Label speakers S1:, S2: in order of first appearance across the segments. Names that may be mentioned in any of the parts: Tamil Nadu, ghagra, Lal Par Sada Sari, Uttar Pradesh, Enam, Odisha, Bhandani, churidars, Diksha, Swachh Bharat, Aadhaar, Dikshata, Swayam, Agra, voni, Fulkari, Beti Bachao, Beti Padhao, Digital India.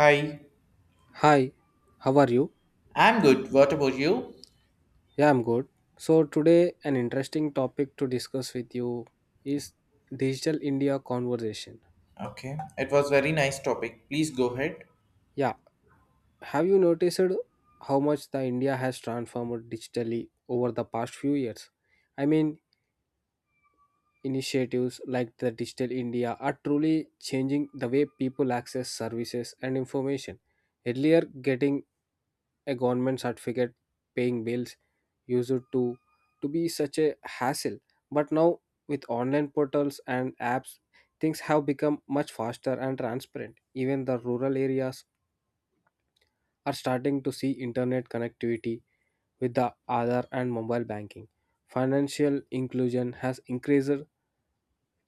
S1: Hi,
S2: Hi, how are you?
S1: I'm good. What about you?
S2: Yeah, I'm good. So, today, an interesting topic to discuss with you is Digital India conversation.
S1: Okay, it was very nice topic. Please go ahead.
S2: Yeah, have you noticed how much the India has transformed digitally over the past few years? I mean, initiatives like the Digital India are truly changing the way people access services and information. Earlier, getting a government certificate, paying bills, used to be such a hassle. But now, with online portals and apps, things have become much faster and transparent. Even the rural areas are starting to see internet connectivity with the Aadhaar and mobile banking. Financial inclusion has increased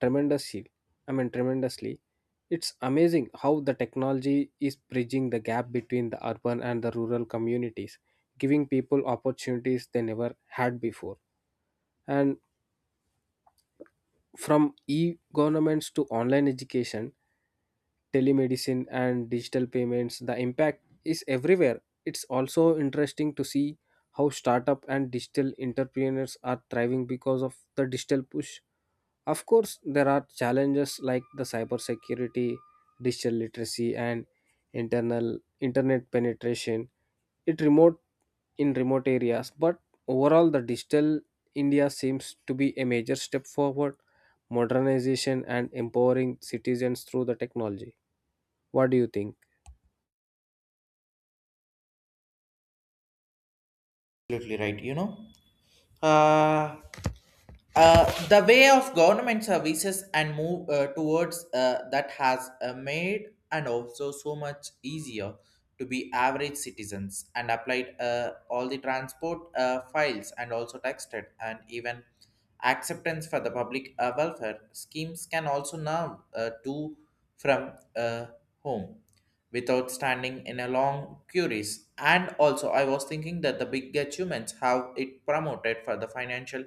S2: tremendously. I mean tremendously. It's amazing how the technology is bridging the gap between the urban and the rural communities, giving people opportunities they never had before. And from e-governments to online education, telemedicine and digital payments, the impact is everywhere. It's also interesting to see how startup and digital entrepreneurs are thriving because of the digital push. Of course, there are challenges like the cybersecurity, digital literacy, and internal internet penetration. It remote In remote areas, but overall, the digital India seems to be a major step forward, modernization and empowering citizens through the technology. What do you think?
S1: Absolutely right, you know. Uh, the way of government services and move towards that has made and also so much easier to be average citizens and applied all the transport files and also texted and even acceptance for the public welfare schemes can also now do from home without standing in a long queues. And also, I was thinking that the big achievements have it promoted for the financial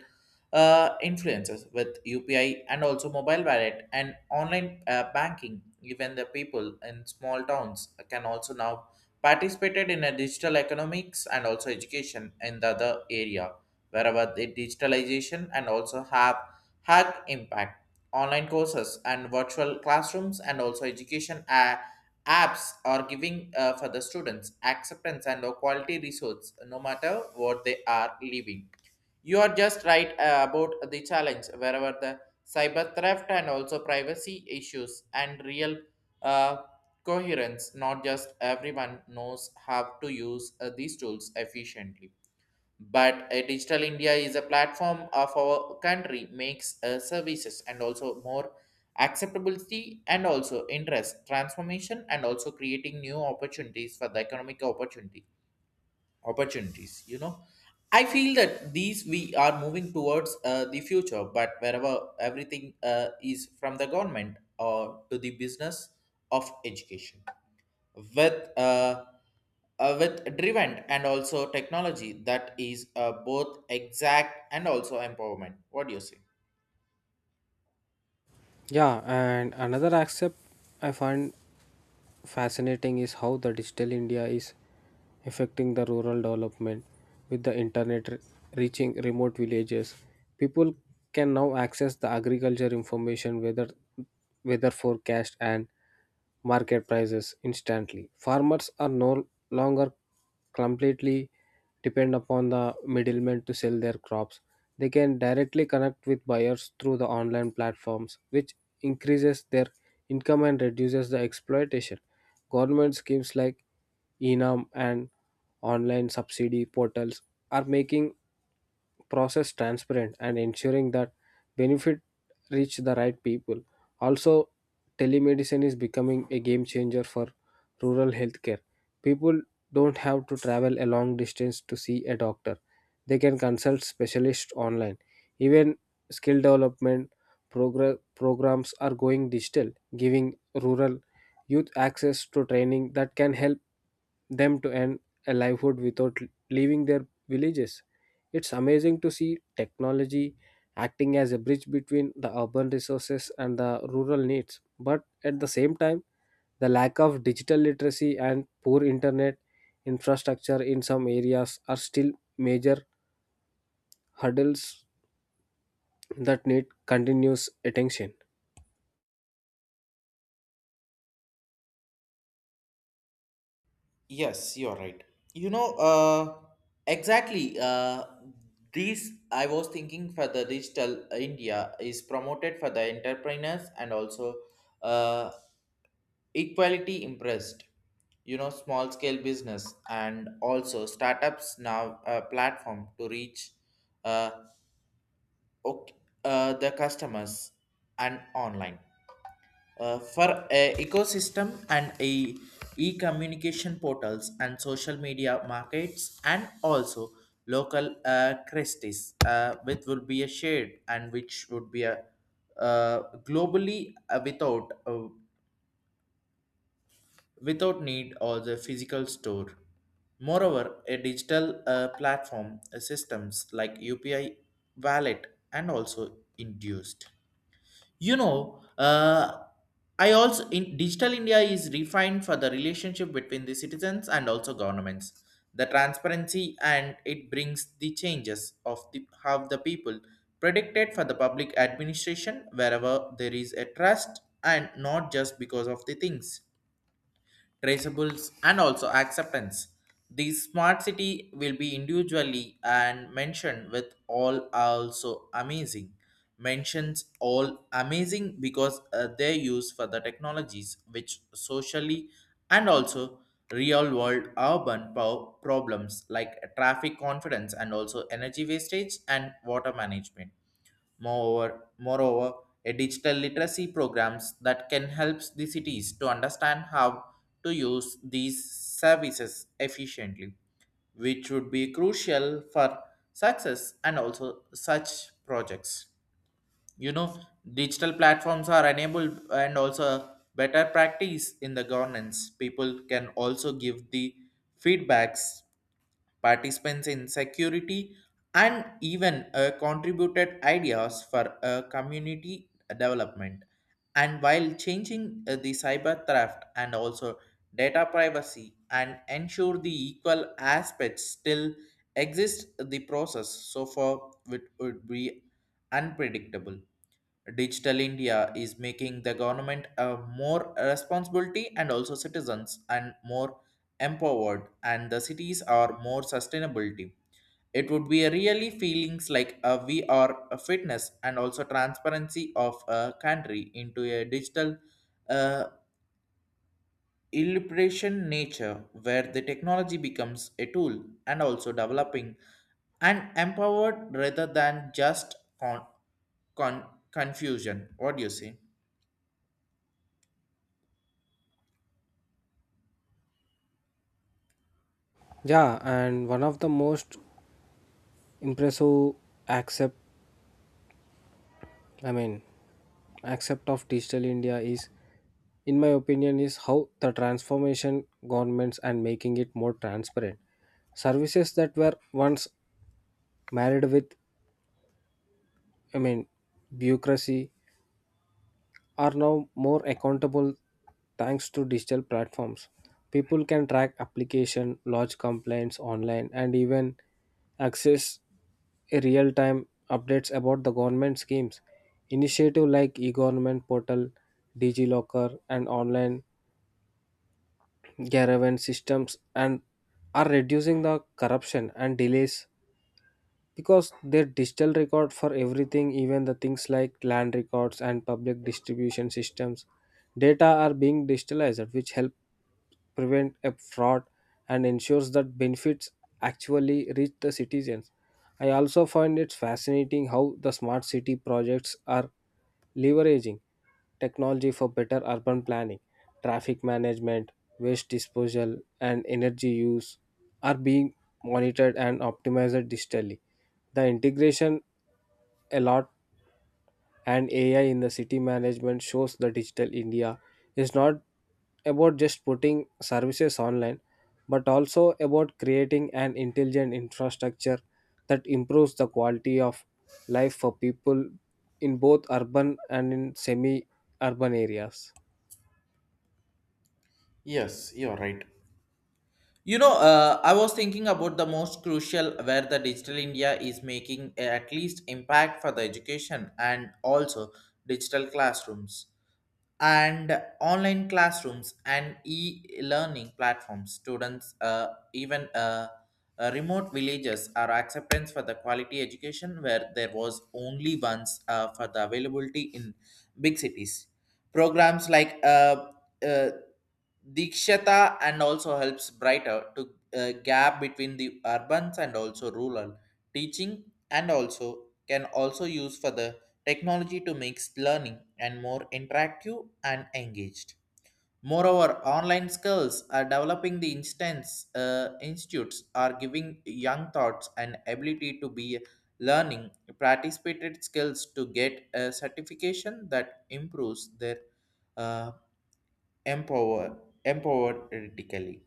S1: influences with UPI and also mobile wallet and online banking. Even the people in small towns can also now participated in a digital economics and also education in the other area wherever the digitalization and also have had impact online courses and virtual classrooms and also education apps are giving for the students acceptance and a quality resource no matter what they are living. You are just right about the challenge wherever the cyber theft and also privacy issues and real uh, coherence, not just everyone knows how to use these tools efficiently. But digital india is a platform of our country makes services and also more acceptability and also interest transformation and also creating new opportunities for the economic opportunity opportunities, you know. I feel that these we are moving towards the future, but wherever everything is from the government or to the business of education with uh, with driven and also technology that is both exact and also empowerment. What do you say?
S2: Yeah, and another aspect I find fascinating is how the digital India is affecting the rural development with the internet reaching remote villages. People can now access the agriculture information, weather, weather forecast, and market prices instantly. Farmers are no longer completely depend upon the middlemen to sell their crops. They can directly connect with buyers through the online platforms, which increases their income and reduces the exploitation. Government schemes like Enam and online subsidy portals are making process transparent and ensuring that benefit reach the right people. Also, telemedicine is becoming a game changer for rural healthcare. People don't have to travel a long distance to see a doctor. They can consult specialists online. Even skill development programs are going digital, giving rural youth access to training that can help them to earn a livelihood without leaving their villages. It's amazing to see technology acting as a bridge between the urban resources and the rural needs. But at the same time, the lack of digital literacy and poor internet infrastructure in some areas are still major hurdles that need continuous attention.
S1: Yes, you're right. You know, exactly. These I was thinking for the digital India is promoted for the entrepreneurs and also uh, equality impressed. You know, small scale business and also startups now a platform to reach uh, ok- the customers and online. For a ecosystem and a e-communication portals and social media markets and also local Christies, which will be a shared and which would be a globally without need or the physical store. Moreover, a digital platform systems like UPI wallet and also induced, you know. I also in digital india is refined for the relationship between the citizens and also governments, the transparency, and it brings the changes of the how the people predicted for the public administration wherever there is a trust and not just because of the things traceables, and also acceptance. The smart city will be individually and mentioned with all also amazing. Mentions all amazing because they use for the technologies which socially and also real world urban problems like traffic confidence and also energy wastage and water management. Moreover, a digital literacy programs that can help the cities to understand how to use these services efficiently, which would be crucial for success and also such projects. You know, digital platforms are enabled and also better practice in the governance. People can also give the feedbacks participants in security, and even contributed ideas for community development. And while changing the cyber theft and also data privacy and ensure the equal aspects still exist the process so far it would be unpredictable. Digital india is making the government a more responsibility and also citizens and more empowered and the cities are more sustainability. It would be a really feelings like a we are a fitness and also transparency of a country into a digital uh, illustration nature where the technology becomes a tool and also developing and empowered rather than just con- confusion. What do you say?
S2: Yeah, and one of the most impressive accept I mean accept of digital India is, in my opinion, is how the transformation governments and making it more transparent. Services that were once married with i mean bureaucracy are now more accountable thanks to digital platforms. People can track application, lodge complaints online, and even access real time updates about the government schemes. Initiative like e-government portal, digilocker, and online caravan systems and are reducing the corruption and delays because their digital record for everything. Even the things like land records and public distribution systems data are being digitalized, which help prevent a fraud and ensures that benefits actually reach the citizens. I also find it fascinating how the smart city projects are leveraging technology for better urban planning, traffic management, waste disposal, and energy use are being monitored and optimized digitally. The integration a and AI in the city management shows the digital India is not about just putting services online, but also about creating an intelligent infrastructure that improves the quality of life for people in both urban and in semi urban areas.
S1: Yes, you're right. You know, I was thinking about the most crucial where the digital India is making at least impact for the education and also digital classrooms and online classrooms and e-learning platforms. Students, even remote villages are acceptance for the quality education where there was only once for the availability in big cities. Programs like uh, Dikshata and also helps brighter to gap between the urbans and also rural teaching and also can also use for the technology to make learning and more interactive and engaged. Moreover, online skills are developing the instance institutes are giving young thoughts and ability to be learning participated skills to get a certification that improves their uh, empower empowerically.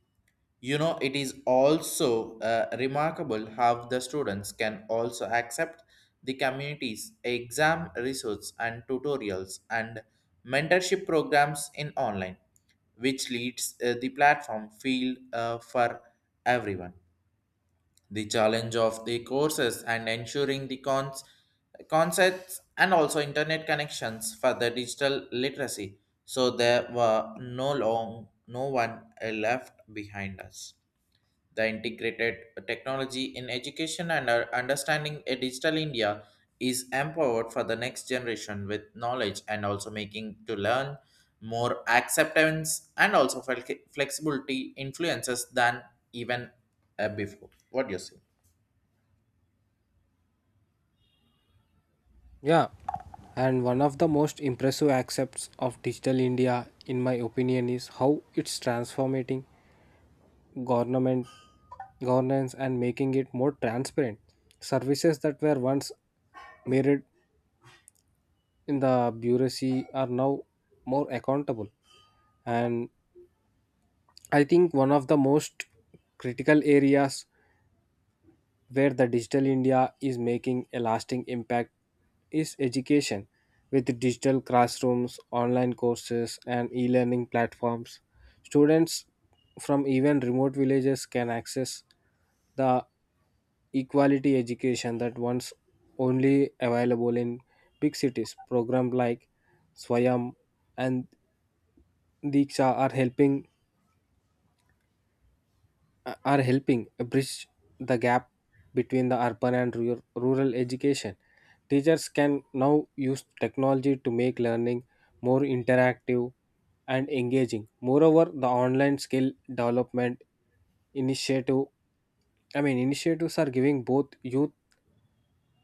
S1: You know, it is also remarkable how the students can also accept the community's exam results and tutorials and mentorship programs in online, which leads the platform field for everyone. The challenge of the courses and ensuring the concepts and also internet connections for the digital literacy, so there were no long no one left behind us. The integrated technology in education and our understanding a digital india is empowered for the next generation with knowledge and also making to learn more acceptance and also flexibility influences than even before. What do you say?
S2: Yeah, and one of the most impressive aspects of Digital India, in my opinion, is how it's transforming government governance and making it more transparent. Services that were once mirrored in the bureaucracy are now more accountable. And I think one of the most critical areas where the digital India is making a lasting impact is education. With digital classrooms, online courses, and e learning platforms, students from even remote villages can access the equality education that once only available in big cities. Programs like Swayam and Diksha are helping bridge the gap between the urban and rural, rural education. Teachers can now use technology to make learning more interactive and engaging. Moreover, the online skill development initiative initiatives are giving both youth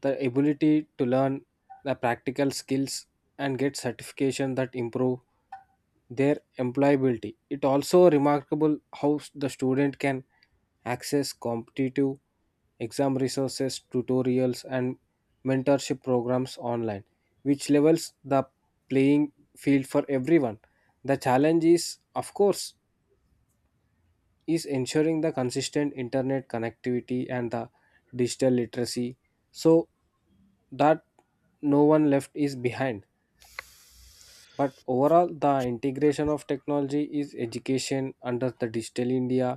S2: the ability to learn the practical skills and get certification that improve their employability. It also remarkable how the student can access competitive exam resources, tutorials, and mentorship programs online, which levels the playing field for everyone. The challenge is, of course, is ensuring the consistent internet connectivity and the digital literacy so that no one left is behind. But overall, the integration of technology is education under the digital india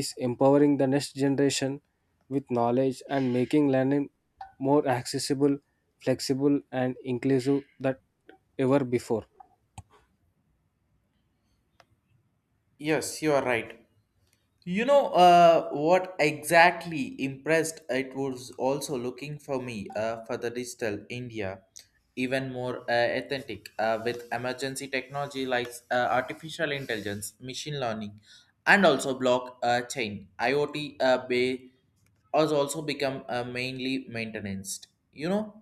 S2: is empowering the next generation with knowledge and making learning more accessible, flexible, and inclusive than ever before.
S1: Yes, you are right. You know what exactly impressed it was also looking for me for the digital India, even more authentic with emergency technology like artificial intelligence, machine learning, and also block chain. IoT bay has also become mainly maintenance. You know,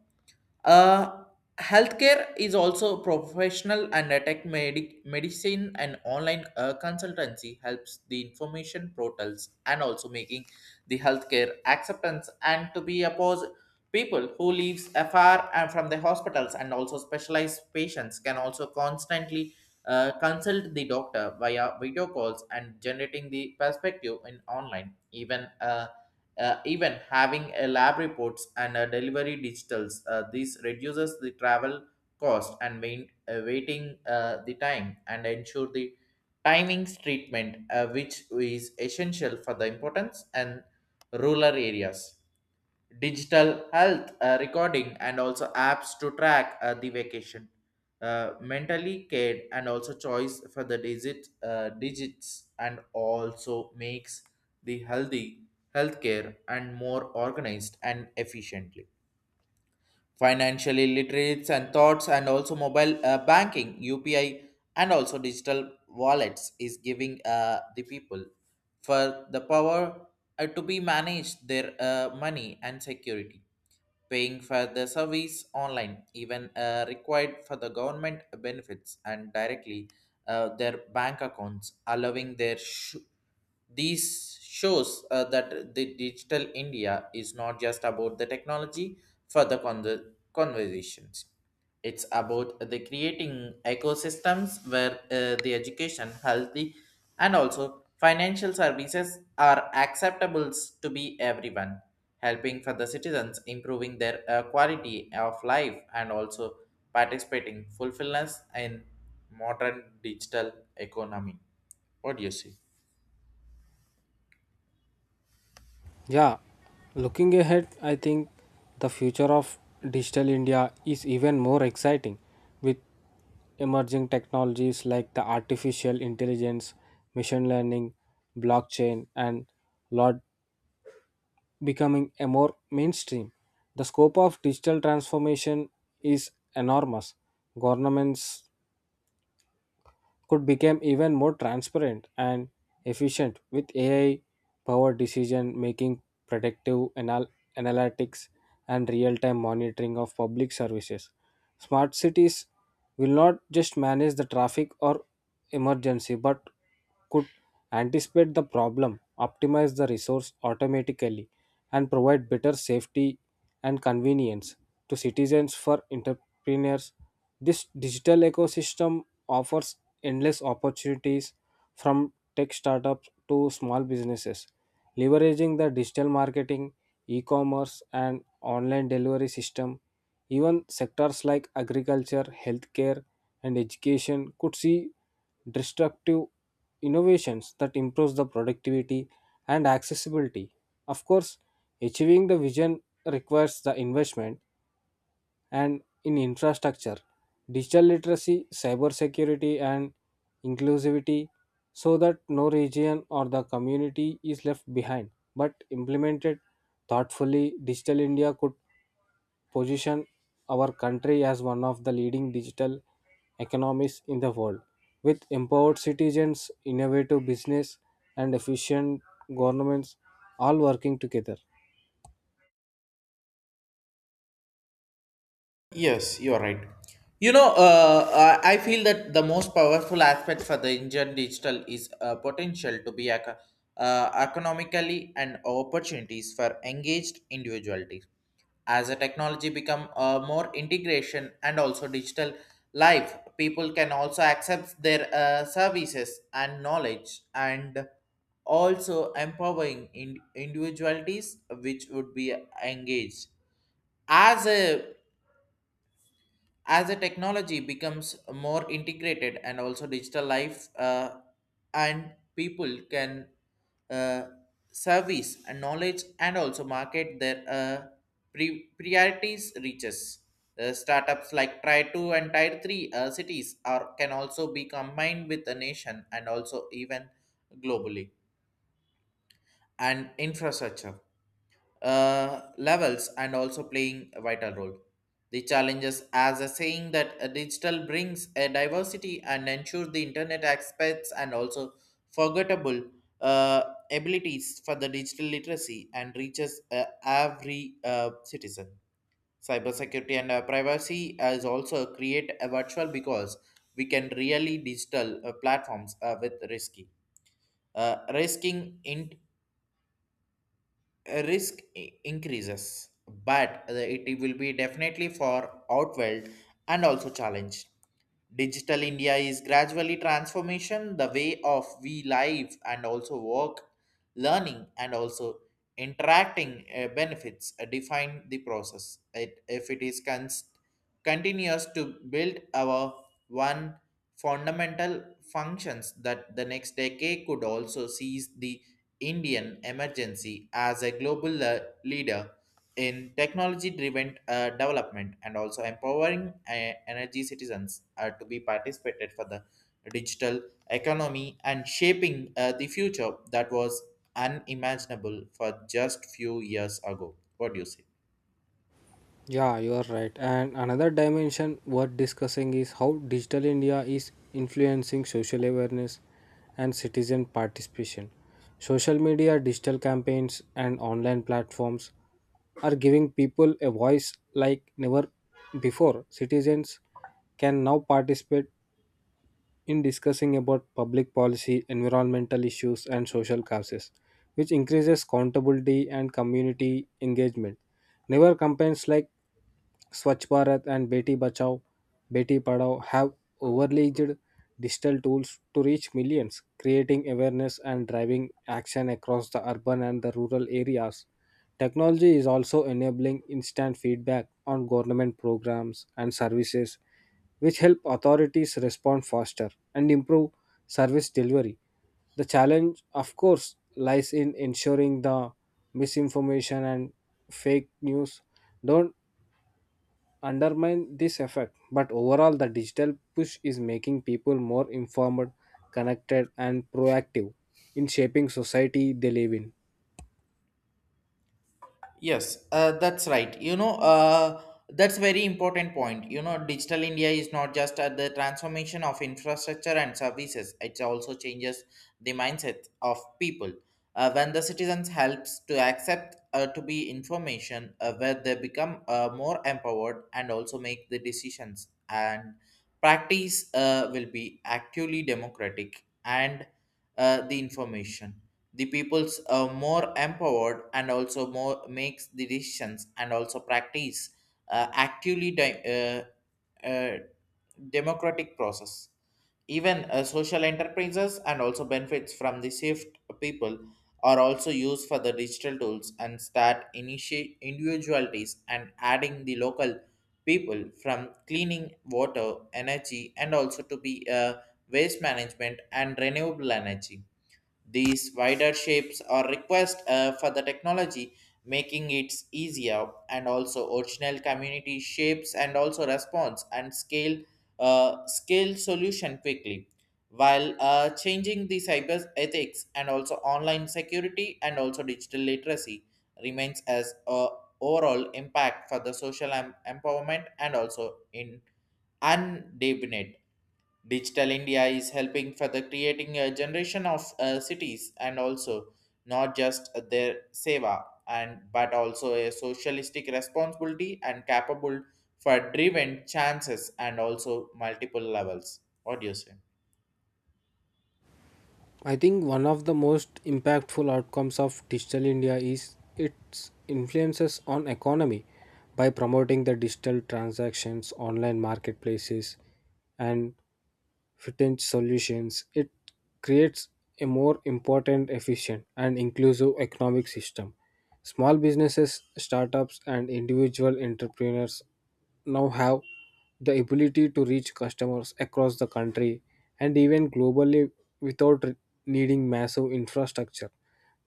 S1: uh, healthcare is also professional and a tech medicine and online consultancy helps the information portals and also making the healthcare acceptance and to be opposed. People who lives afar and from the hospitals and also specialized patients can also constantly consult the doctor via video calls and generating the perspective in online. Even even having a lab reports and a delivery digitals, this reduces the travel cost and waiting the time and ensure the timings treatment, which is essential for the importance and rural areas. Digital health recording and also apps to track the vacation mentally cared and also choice for the digits and also makes the healthy healthcare and more organized and efficiently. Financially literates and thoughts and also mobile banking UPI and also digital wallets is giving the people for the power to be managed their money and security paying for the service online, even required for the government benefits and directly their bank accounts, allowing their these shows that the digital India is not just about the technology for the conversations. It's about the creating ecosystems where the education, healthy, and also financial services are acceptable to be everyone, helping for the citizens improving their quality of life and also participating fulfillment in modern digital economy. What do you see?
S2: Yeah, looking ahead, I think the future of digital India is even more exciting with emerging technologies like the artificial intelligence, machine learning, blockchain, and lot becoming a more mainstream. The scope of digital transformation is enormous. Governments could become even more transparent and efficient with AI powered decision making, predictive analytics, and real time monitoring of public services. Smart cities will not just manage the traffic or emergency, but could anticipate the problem, optimize the resource automatically, and provide better safety and convenience to citizens for entrepreneurs. This digital ecosystem offers endless opportunities from tech startups to small businesses. Leveraging the digital marketing, e commerce, and online delivery system, even sectors like agriculture, healthcare, and education could see disruptive innovations that improves the productivity and accessibility. Of course, achieving the vision requires the investment and in infrastructure, digital literacy, cybersecurity, and inclusivity so that no region or the community is left behind. But implemented thoughtfully, Digital India could position our country as one of the leading digital economies in the world. With empowered citizens, innovative business, and efficient governments all working together,
S1: Yes, you're right. You know, I feel that the most powerful aspect for the Indian digital is potential to be economically and opportunities for engaged individuality. As a technology become more integration and also digital life, people can also accept their services and knowledge and also empowering individualities which would be engaged as a as the technology becomes more integrated and also digital life and people can uh, service and knowledge and also market their priorities reaches the startups like tier 2 and tier 3 cities are can also be combined with a nation and also even globally and infrastructure levels and also playing a vital role. The challenges as a saying that a digital brings a diversity and ensure the internet aspects and also forgettable uh, abilities for the digital literacy and reaches every citizen. Cybersecurity and privacy is also create a virtual because we can really digital platforms with risky risking in risk increases, but it will be definitely for outweld and also challenge. Digital India is gradually transformation the way of we live and also work, learning and also interacting benefits define the process. It, if it is continuous to build our one fundamental functions that the next decade could also seize the Indian emergency as a global leader in technology driven development and also empowering energy citizens to be participated for the digital economy and shaping the future that was unimaginable for just few years ago. What do you say?
S2: yeah, you are right. And another dimension worth discussing is how digital India is influencing social awareness and citizen participation. Social media, digital campaigns, and online platforms are giving people a voice like never before. Citizens can now participate in discussing about public policy, environmental issues, and social causes, which increases accountability and community engagement. Newer campaigns like Swachh Bharat and Beti Bachao, Beti Padhao have overlaid digital tools to reach millions, creating awareness and driving action across the urban and the rural areas. Technology is also enabling instant feedback on government programs and services, which help authorities respond faster and improve service delivery. The challenge, of course, lies in ensuring the misinformation and fake news don't undermine this effect. But overall, the digital push is making people more informed, connected, and proactive in shaping society they live in.
S1: Yes, that's right. You know, that's very important point. You know, digital India is not just at the transformation of infrastructure and services; it also changes the mindset of people. When the citizens helps to accept to be information, where they become more empowered and also make the decisions and practice will be actually democratic and the information the people's more empowered and also more makes the decisions and also practice actively uh, uh, democratic process. Even social enterprises and also benefits from the shift people are also used for the digital tools and start initiate individualities and adding the local people from cleaning water energy and also to be waste management and renewable energy. These wider shapes are request for the technology, making it easier and also original community shapes and also response and scale solution quickly, while changing the cyber ethics and also online security and also digital literacy remains as a overall impact for the social empowerment and also in undefined. Digital India is helping for the creating a generation of cities and also not just their seva and but also a socialistic responsibility and capable for driven chances and also multiple levels. What do you say?
S2: I think one of the most impactful outcomes of Digital India is its influences on economy by promoting the digital transactions, online marketplaces, and fintech solutions. It creates a more important, efficient, and inclusive economic system. Small businesses, startups, and individual entrepreneurs now have the ability to reach customers across the country and even globally without needing massive infrastructure.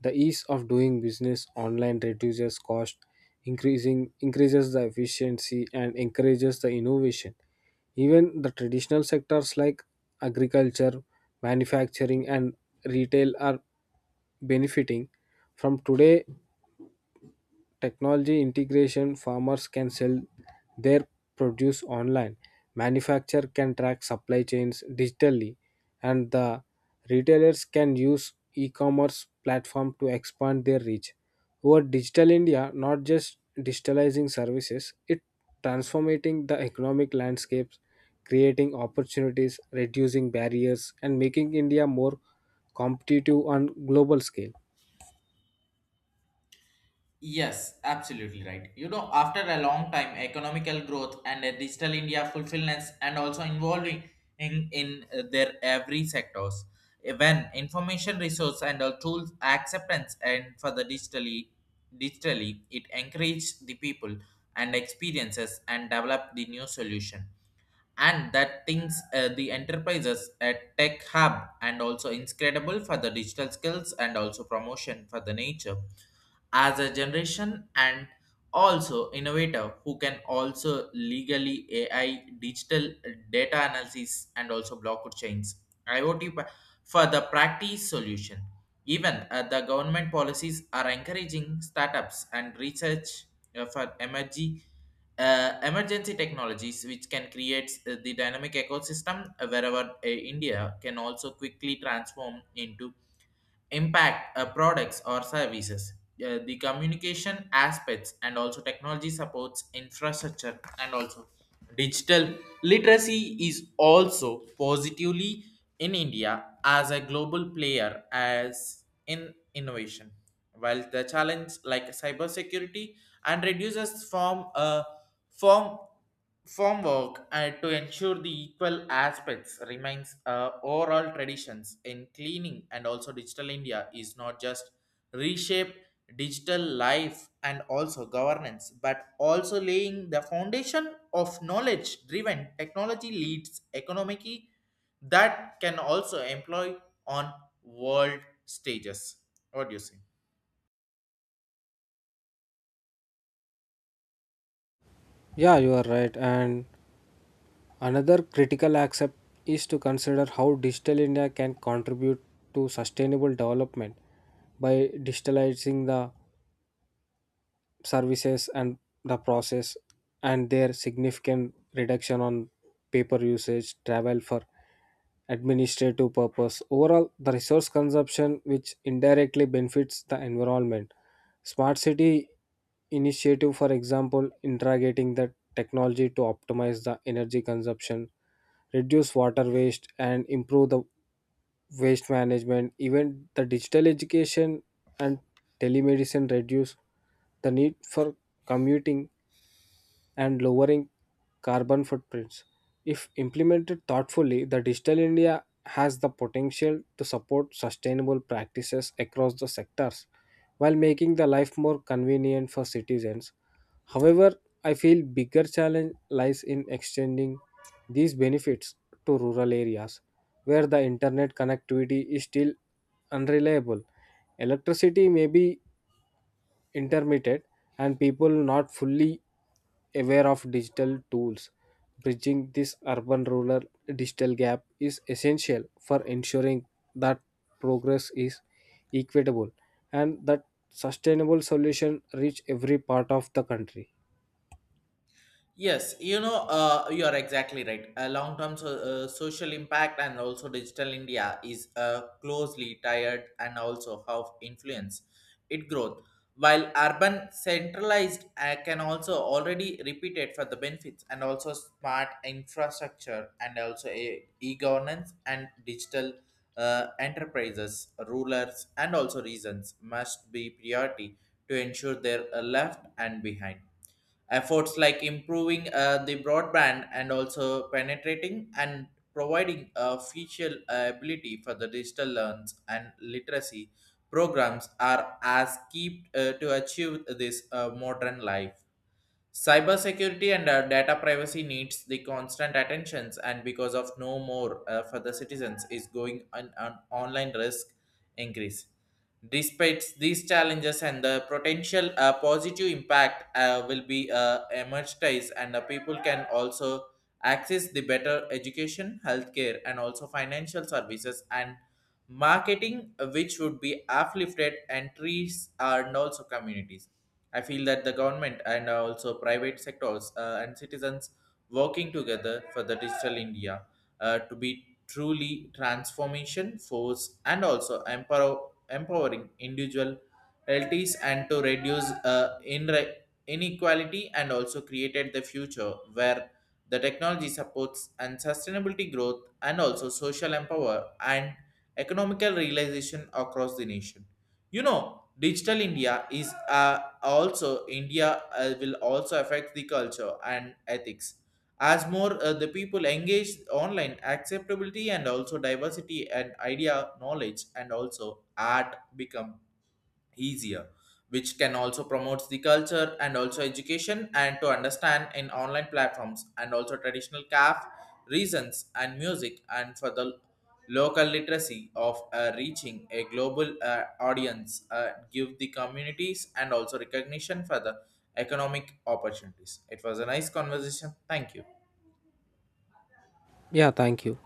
S2: The ease of doing business online reduces cost, increasing increases the efficiency and encourages the innovation. Even the traditional sectors like agriculture, manufacturing, and retail are benefiting from today technology integration. Farmers can sell their produce online, manufacturer can track supply chains digitally, and the retailers can use e-commerce platform to expand their reach. Over Digital India, not just digitalizing services, it transforming the economic landscapes, creating opportunities, reducing barriers, and making India more competitive on global scale.
S1: Yes, absolutely right. You know, after a long time, economical growth and a digital India fulfillments and also involving in their every sectors. When information resource and tools acceptance and for the digitally, it encourage the people and experiences and develop the new solution, and that things the enterprises at tech hub and also incredible for the digital skills and also promotion for the nature as a generation and also innovator who can also legally ai digital data analysis and also blockchains iot pa- for the practice solution. Even the government policies are encouraging startups and research for energy emergency technologies which can create the dynamic ecosystem wherever India can also quickly transform into impact products or services. The communication aspects and also technology supports infrastructure and also digital literacy is also positively in India as a global player as in innovation, while the challenge like cybersecurity and reduces from a Form formwork to ensure the equal aspects remains overall traditions in cleaning. And also digital India is not just reshape digital life and also governance but also laying the foundation of knowledge driven technology leads economically that can also employ on world stages. What do you say?
S2: Yeah, you are right, and another critical aspect is to consider how Digital India can contribute to sustainable development by digitalizing the services and the process and their significant reduction on paper usage, travel for administrative purpose, overall the resource consumption, which indirectly benefits the environment. Smart city initiative, for example, integrating the technology to optimize the energy consumption, reduce water waste, and improve the waste management. Even the digital education and telemedicine reduce the need for commuting and lowering carbon footprints. If implemented thoughtfully, the Digital India has the potential to support sustainable practices across the sectors while making the life more convenient for citizens. However, I feel bigger challenge lies in extending these benefits to rural areas where the internet connectivity is still unreliable. Electricity may be intermittent and people not fully aware of digital tools. Bridging this urban rural digital gap is essential for ensuring that progress is equitable and that sustainable solution reach every part of the country.
S1: Yes, you know, you are exactly right. A long-term so, social impact and also digital India is closely tied and also how influence it growth. While urban centralized can also already repeat it for the benefits and also smart infrastructure and also a e-governance and digital enterprises, rulers and also reasons must be priority to ensure they're left and behind. Efforts like improving the broadband and also penetrating and providing a feature ability for the digital learns and literacy programs are as key to achieve this modern life. Cybersecurity and data privacy needs the constant attentions, and because of no more for the citizens is going on an online risk increase. Despite these challenges and the potential positive impact will be emerged and the people can also access the better education, healthcare, and also financial services and marketing, which would be uplifted entries and also communities. I feel that the government and also private sectors and citizens working together for the digital India to be truly transformation force and also empower, empowering individual realities and to reduce inequality and also created the future where the technology supports and sustainability growth and also social empower and economical realization across the nation. You know, digital India is a also India will also affect the culture and ethics. As more the people engage online, acceptability and also diversity and idea, knowledge and also art become easier, which can also promote the culture and also education and to understand in online platforms and also traditional craft reasons and music and for the local literacy of reaching a global audience give the communities and also recognition for the economic opportunities. It was a nice conversation. Thank you.
S2: Yeah, thank you.